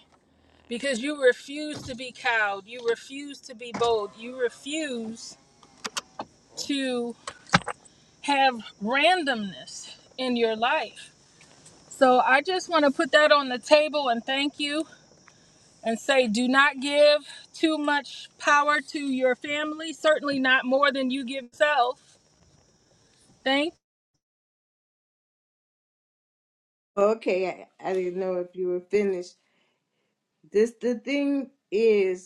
[SPEAKER 2] because you refuse to be cowed. You refuse to be bold. You refuse to have randomness in your life. So I just want to put that on the table and thank you and say do not give too much power to your family, certainly not more than you give self. Thank.
[SPEAKER 1] okay i, I didn't know if you were finished this the thing is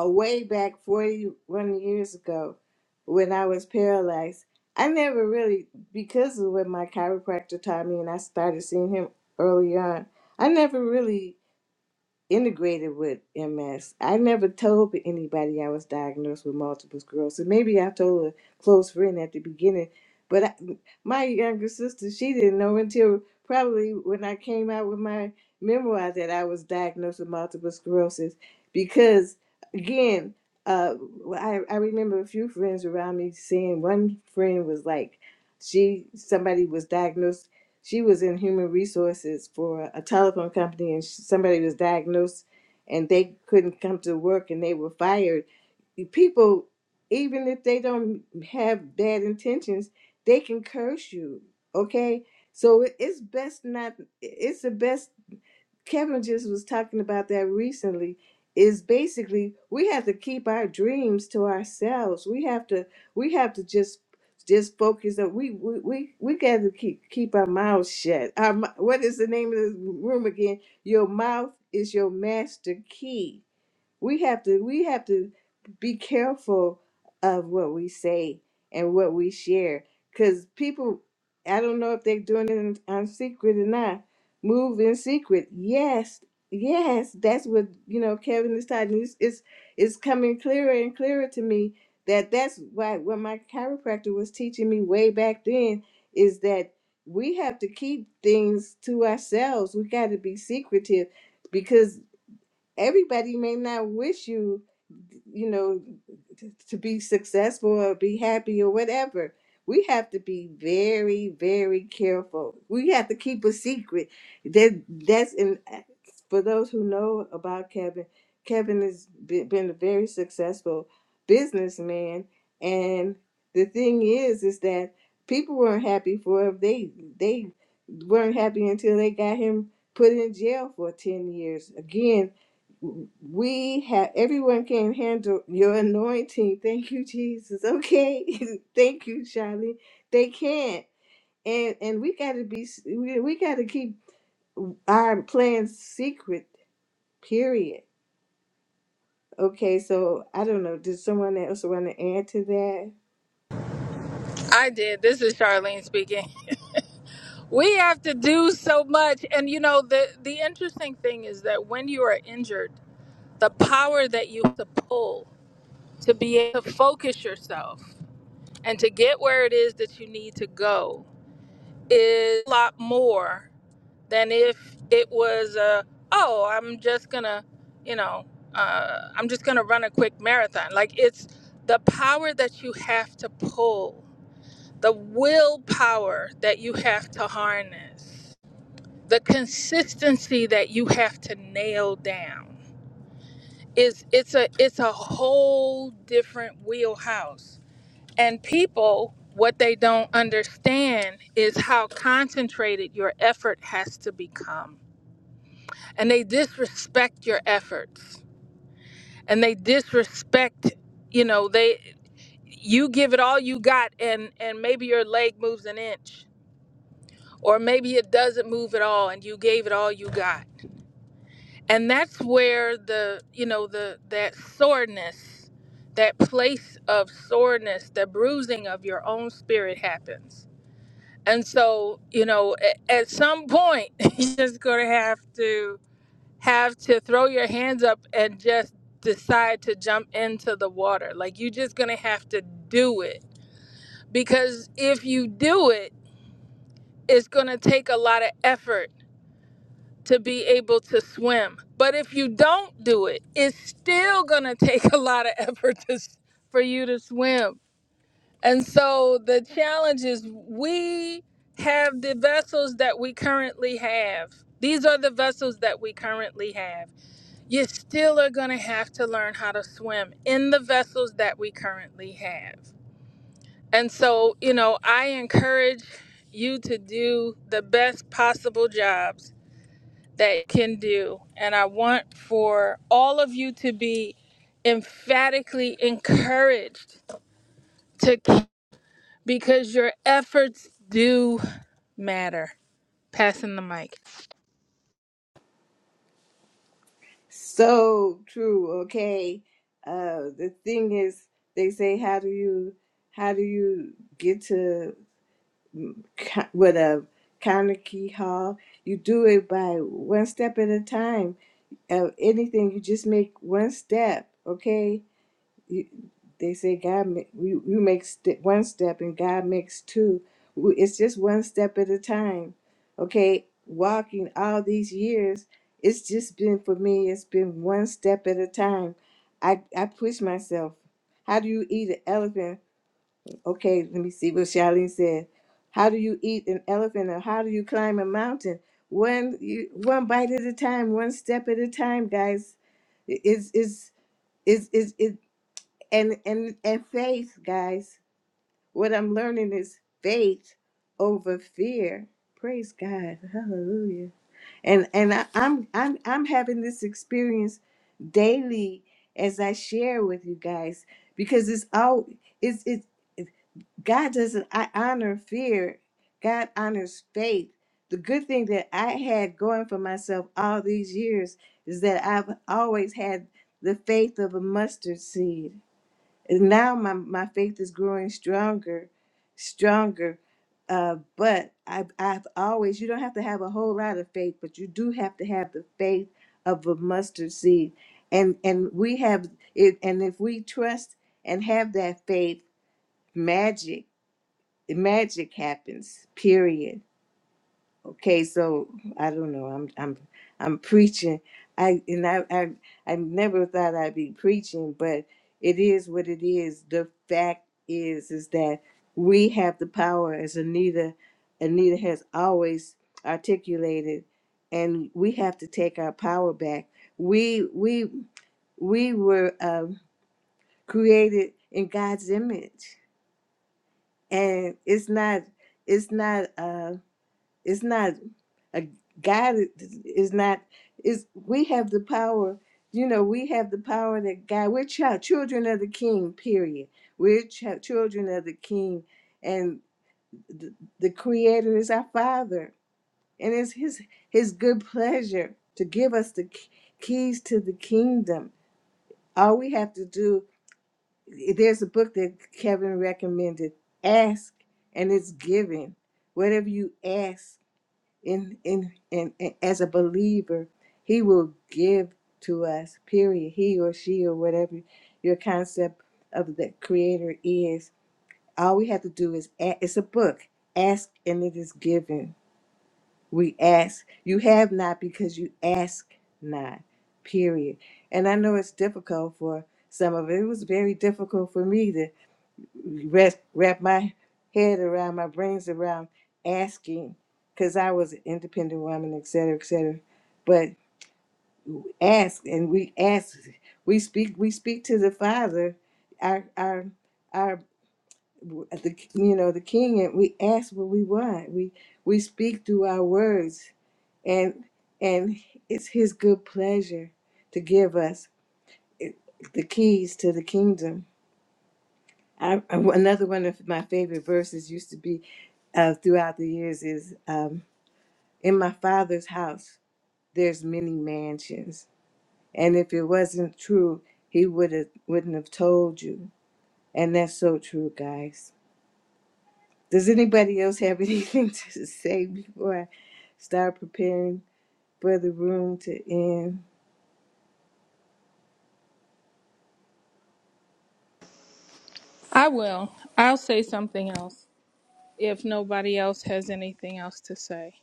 [SPEAKER 1] uh, way back 41 years ago when I was paralyzed. I never really, because of what my chiropractor taught me, and I started seeing him early on, I never really integrated with MS. I never told anybody I was diagnosed with multiple sclerosis. Maybe I told a close friend at the beginning, but I, my younger sister, she didn't know until probably when I came out with my memoir that I was diagnosed with multiple sclerosis. Because again, uh, well, I, I remember a few friends around me saying one friend was like, she somebody was diagnosed she was in human resources for a telephone company and sh- somebody was diagnosed and they couldn't come to work and they were fired people even if they don't have bad intentions they can curse you okay so it- it's best not it's the best Kevin just was talking about that recently is basically we have to keep our dreams to ourselves. We have to we have to just just focus on we we we, we got to keep keep our mouths shut. Our mou- what is the name of the room again? Your mouth is your master key we have to we have to be careful of what we say and what we share because people i don't know if they're doing it in, on secret or not move in secret yes yes that's what you know kevin is talking it's, it's it's coming clearer and clearer to me that that's why what my chiropractor was teaching me way back then is that we have to keep things to ourselves we got to be secretive because everybody may not wish you you know t- to be successful or be happy or whatever we have to be very very careful we have to keep a secret that that's in for those who know about kevin kevin has be- been a very successful businessman and the thing is is that people weren't happy for him they they weren't happy until they got him put in jail for 10 years again we have everyone can handle your anointing. Thank you, Jesus. Okay, thank you, Charlie. They can't, and and we gotta be we, we gotta keep our plans secret. Period. Okay, so I don't know. Did someone else want to add to that?
[SPEAKER 2] I did. This is Charlene speaking. We have to do so much, and you know the the interesting thing is that when you are injured, the power that you have to pull to be able to focus yourself and to get where it is that you need to go is a lot more than if it was a oh I'm just gonna you know uh, I'm just gonna run a quick marathon. Like it's the power that you have to pull the willpower that you have to harness, the consistency that you have to nail down is it's a it's a whole different wheelhouse. And people what they don't understand is how concentrated your effort has to become. And they disrespect your efforts. And they disrespect, you know, they you give it all you got and and maybe your leg moves an inch or maybe it doesn't move at all and you gave it all you got and that's where the you know the that soreness that place of soreness the bruising of your own spirit happens and so you know at, at some point you're just going to have to have to throw your hands up and just decide to jump into the water like you're just going to have to do it because if you do it it's going to take a lot of effort to be able to swim. But if you don't do it, it's still going to take a lot of effort to, s- for you to swim. And so the challenge is we have the vessels that we currently have. These are the vessels that we currently have. You still are going to have to learn how to swim in the vessels that we currently have. And so, you know, I encourage you to do the best possible jobs that can do. And I want for all of you to be emphatically encouraged to keep because your efforts do matter. Passing the mic.
[SPEAKER 1] So true. Okay, uh, the thing is, they say, how do you how do you get to ki- with a Carnegie Hall. You do it by one step at a time. Of anything, you just make one step. Okay, you, they say God, ma- you you make st- one step and God makes two. W- It's just one step at a time. Okay, walking all these years, it's just been for me. It's been one step at a time. I I push myself. How do you eat an elephant? Okay, let me see what Charlene said. How do you eat an elephant or how do you climb a mountain? One you one bite at a time, one step at a time, guys. Is is is is is and and and faith, guys. What I'm learning is faith over fear. Praise God. Hallelujah. And and I, I'm I'm I'm having this experience daily as I share with you guys because it's all it's it's. God doesn't I honor fear. God honors faith. The good thing that I had going for myself all these years is that I've always had the faith of a mustard seed. And now my, my faith is growing stronger, stronger. Uh, but I've, I've always, you don't have to have a whole lot of faith, but you do have to have the faith of a mustard seed. And, and we have it, and if we trust and have that faith, magic magic happens period okay so i don't know i'm i'm i'm preaching i and I, I i never thought i'd be preaching but it is what it is the fact is is that we have the power as anita anita has always articulated and we have to take our power back we we we were um, created in god's image and it's not it's not uh It's not a God is not is we have the power, you know, we have the power that God we're child, children of the king, period. We're child, children of the king and the, the creator is our father and it's his his good pleasure to give us the k- keys to the kingdom. All we have to do there's a book that Kevin recommended, ask and it's given. Whatever you ask in, in, in, in as a believer, he will give to us, period. He or she or whatever your concept of the creator is. All we have to do is a it's a book. Ask and it is given. We ask. You have not because you ask not. Period. And I know it's difficult for some of it. It was very difficult for me rest, wrap my head around, my brains around asking, because I was an independent woman, et cetera, et cetera. But ask, and we ask, we speak, we speak to the Father, our, our, our, the you know the King, and we ask what we want. We we speak through our words, and and it's His good pleasure to give us the keys to the kingdom I, I- another one of my favorite verses used to be uh, throughout the years is um, in my father's house there's many mansions and if it wasn't true he would have wouldn't have told you and that's so true guys does anybody else have anything to say before i start preparing for the room to end
[SPEAKER 2] I will. I'll say something else if nobody else has anything else to say.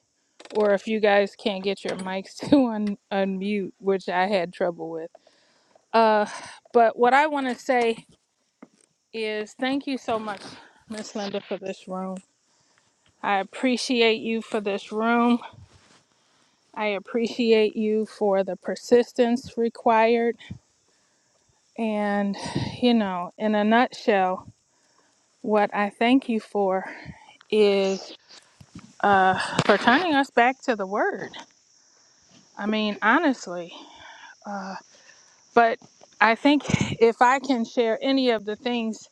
[SPEAKER 2] Or if you guys can't get your mics to un- unmute, which I had trouble with. Uh, but what I want to say is thank you so much, Miss Linda, for this room. I appreciate you for this room. I appreciate you for the persistence required. And, you know, in a nutshell, what I thank you for is uh, for turning us back to the Word. I mean, honestly. Uh, but I think if I can share any of the things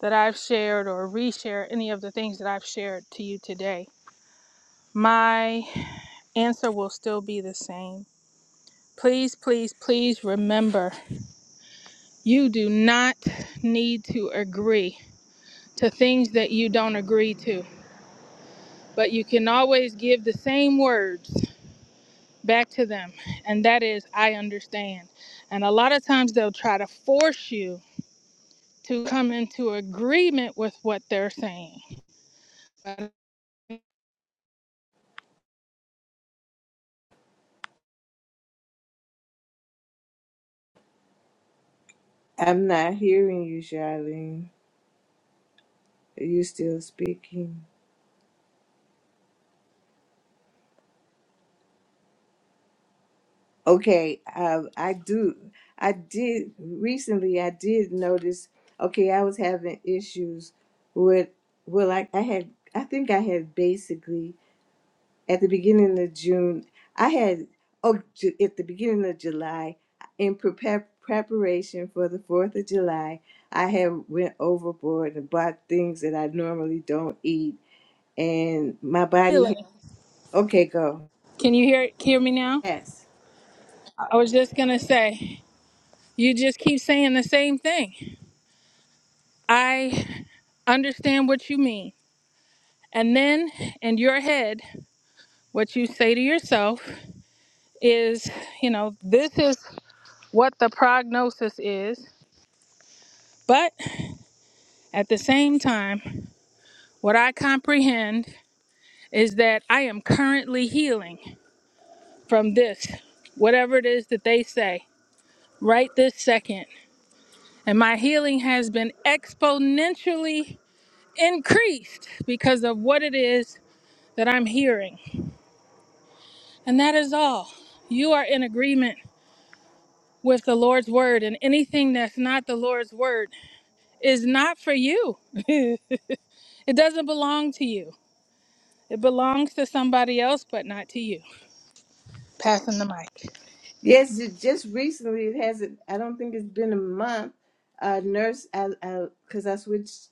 [SPEAKER 2] that I've shared or reshare any of the things that I've shared to you today, my answer will still be the same. Please, please, please remember You do not need to agree to things that you don't agree to, but you can always give the same words back to them, and that is, I understand. And a lot of times they'll try to force you to come into agreement with what they're saying. But
[SPEAKER 1] i'm not hearing you charlene are you still speaking Okay, uh, I do. I did recently. I did notice. Okay, I was having issues with. Well, I, I had. I think I had basically at the beginning of June. I had. Oh, ju- at the beginning of July, in prepar- preparation for the Fourth of July, I had went overboard and bought things that I normally don't eat, and my body.
[SPEAKER 2] really,
[SPEAKER 1] Okay, go.
[SPEAKER 2] Can you hear hear me now?
[SPEAKER 1] Yes.
[SPEAKER 2] I was just gonna say, you just keep saying the same thing. I understand what you mean. And then in your head, what you say to yourself is, you know, this is what the prognosis is. But at the same time, what I comprehend is that I am currently healing from this, whatever it is that they say, right this second. And my healing has been exponentially increased because of what it is that I'm hearing. And that is all. You are in agreement with the Lord's word, and anything that's not the Lord's word is not for you. It doesn't belong to you. It belongs to somebody else, but not to you. Passing the mic.
[SPEAKER 1] Yes, it just recently. It hasn't. I don't think it's been a month. Uh, nurse, I, I, because I switched,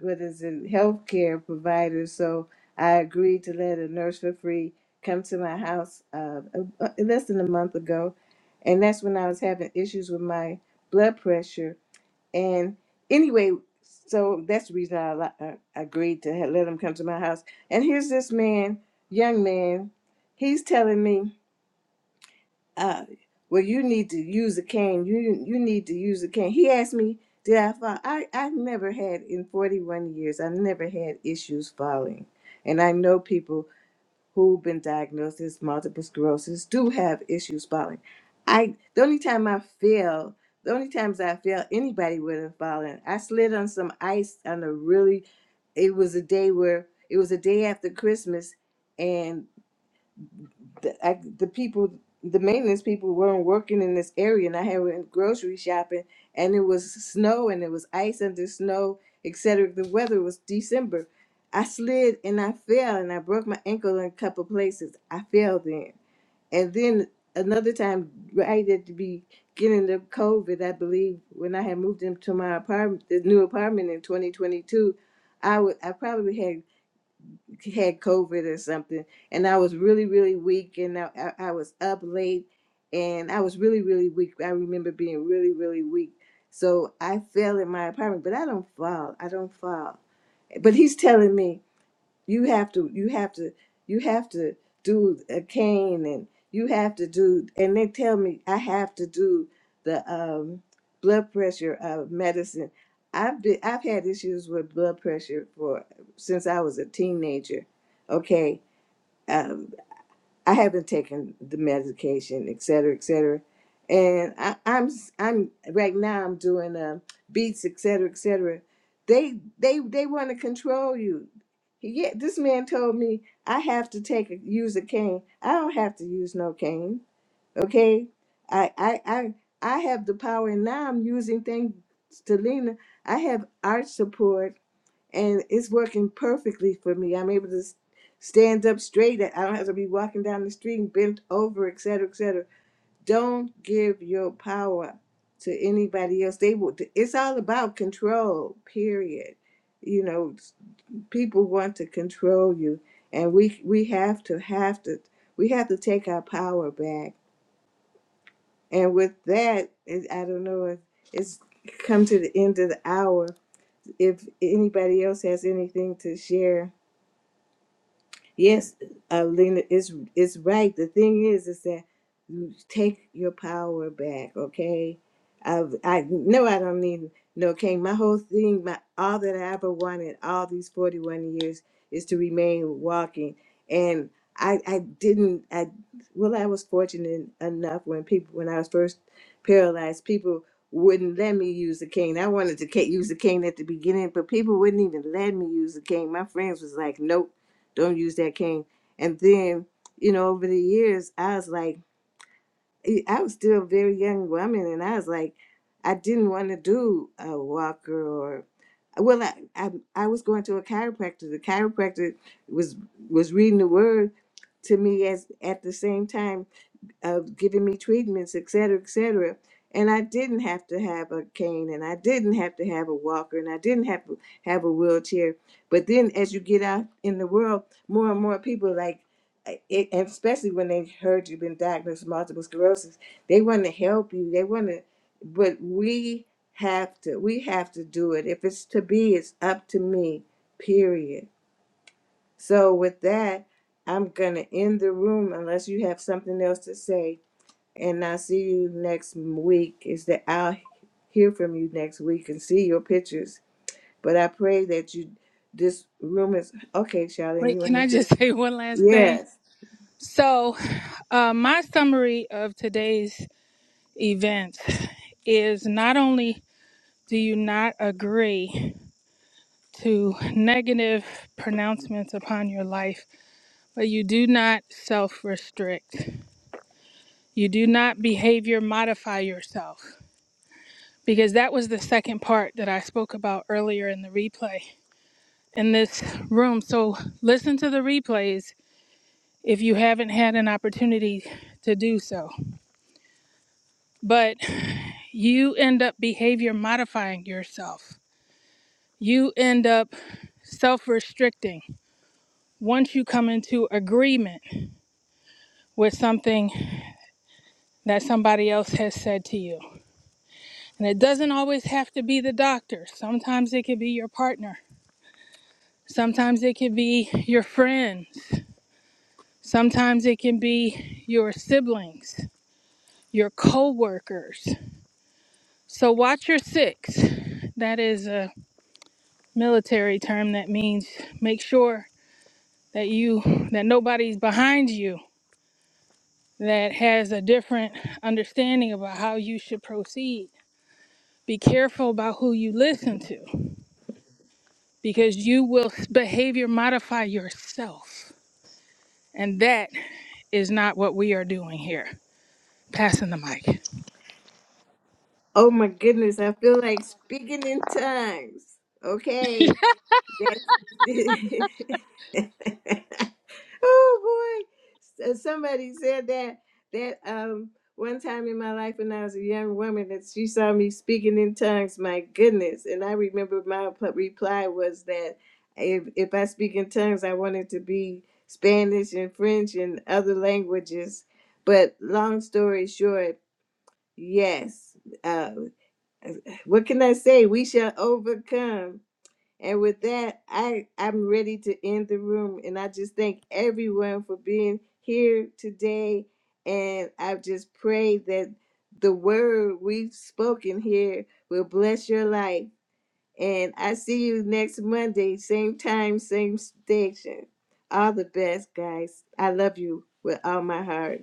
[SPEAKER 1] what is it, healthcare provider. So I agreed to let a nurse for free come to my house uh, uh, less than a month ago, and that's when I was having issues with my blood pressure. And anyway, so that's the reason I, li- I agreed to ha- let him come to my house. And here's this man, young man, he's telling me uh, well, you need to use a cane. You you need to use a cane. He asked me, did I fall? I I never had in 41 years. I never had issues falling, and I know people who've been diagnosed as multiple sclerosis do have issues falling. I the only time I fell, the only times I fell, anybody would have fallen. I slid on some ice on a really. It was a day where it was a day after Christmas, and the I, the people the maintenance people weren't working in this area and I had went grocery shopping and it was snow and it was ice under snow, et cetera. The weather was December. I slid and I fell and I broke my ankle in a couple places. I fell then. And then another time right at the beginning of COVID, I believe when I had moved into my apartment the new apartment in twenty twenty two, I would I probably had had COVID or something, and I was really, really weak, and I, I, I was up late, and I was really, really weak. I remember being really, really weak. So I fell in my apartment, but I don't fall. I don't fall. But he's telling me you have to you have to you have to do a cane and you have to do and they tell me i have to do the um blood pressure uh, medicine i've been i've had issues with blood pressure for since i was a teenager okay Um, I haven't taken the medication, et cetera, et cetera. And I, I'm i I'm right now I'm doing um, beats, et cetera, et cetera. They they they want to control you. Yeah, this man told me I have to take a, use a cane. I don't have to use no cane. Okay, I I I I have the power, and now I'm using things to lean. I have art support and it's working perfectly for me. I'm able to s- stand up straight. I don't have to be walking down the street and bent over, et cetera, et cetera. Don't give your power to anybody else. They will. It's all about control. Period. You know, s- people want to control you, and we we have to have to we have to take our power back. And with that, it, I don't know if it's come to the end of the hour. If anybody else has anything to share Yes, Alina, it's it's right. The thing is, is that you take your power back. Okay, I I know I don't need no king. My whole thing, my all that I ever wanted, all these forty one years, is to remain walking. And I I didn't I well I was fortunate enough when people when I was first paralyzed, people wouldn't let me use the cane. I wanted to ca- use the cane at the beginning, but people wouldn't even let me use the cane. My friends was like, nope don't use that cane. And then, you know, over the years, I was like, eh, I was still a very young woman, and I was like, I didn't want to do a walker or, well, I, I I was going to a chiropractor. The chiropractor was was reading the word to me as at the same time of giving me treatments, et cetera, et cetera. And I didn't have to have a cane, and I didn't have to have a walker, and I didn't have to have a wheelchair. But then, as you get out in the world, more and more people like, eh, it, especially when they heard you've been diagnosed with multiple sclerosis, they want to help you. They want to, but we have to. We have to do it. If it's to be, it's up to me. Period. So with that, I'm gonna end the room unless you have something else to say and I see you next week is that I'll hear from you next week and see your pictures. But I pray that you, this room is okay, Charlene.
[SPEAKER 2] Wait,
[SPEAKER 1] You
[SPEAKER 2] can I
[SPEAKER 1] understand?
[SPEAKER 2] just say one last thing?
[SPEAKER 1] Yes.
[SPEAKER 2] So, uh, my summary of today's events is not only do you not agree to negative pronouncements upon your life, but you do not self restrict. You do not behavior modify yourself because that was the second part that I spoke about earlier in the replay. in this room. So listen to the replays if you haven't had an opportunity to do so. But you end up behavior modifying yourself, you end up self restricting once you come into agreement with something that somebody else has said to you. And it doesn't always have to be the doctor, sometimes it could be your partner. Sometimes it could be your friends. Sometimes it can be your siblings, your co workers. So watch your six. That is a military term that means make sure that you that nobody's behind you that has a different understanding about how you should proceed. Be careful about who you listen to because you will s- behavior modify yourself. And that is not what we are doing here. Passing the mic.
[SPEAKER 1] Oh my goodness, I feel like speaking in tongues. Okay. That's- oh boy! S- uh, Somebody said that that um one time in my life when I was a young woman that she saw me speaking in tongues. My goodness! And I remember my pl- reply was that if if I speak in tongues, I wanted to be Spanish and French and other languages. But long story short, yes. Uh, what can I say? We shall overcome and with that, I, I'm ready to end the room. And I just thank everyone for being here today. And I just pray that the word we've spoken here will bless your life. And I see you next Monday, same time, same station. All the best, guys. I love you with all my heart.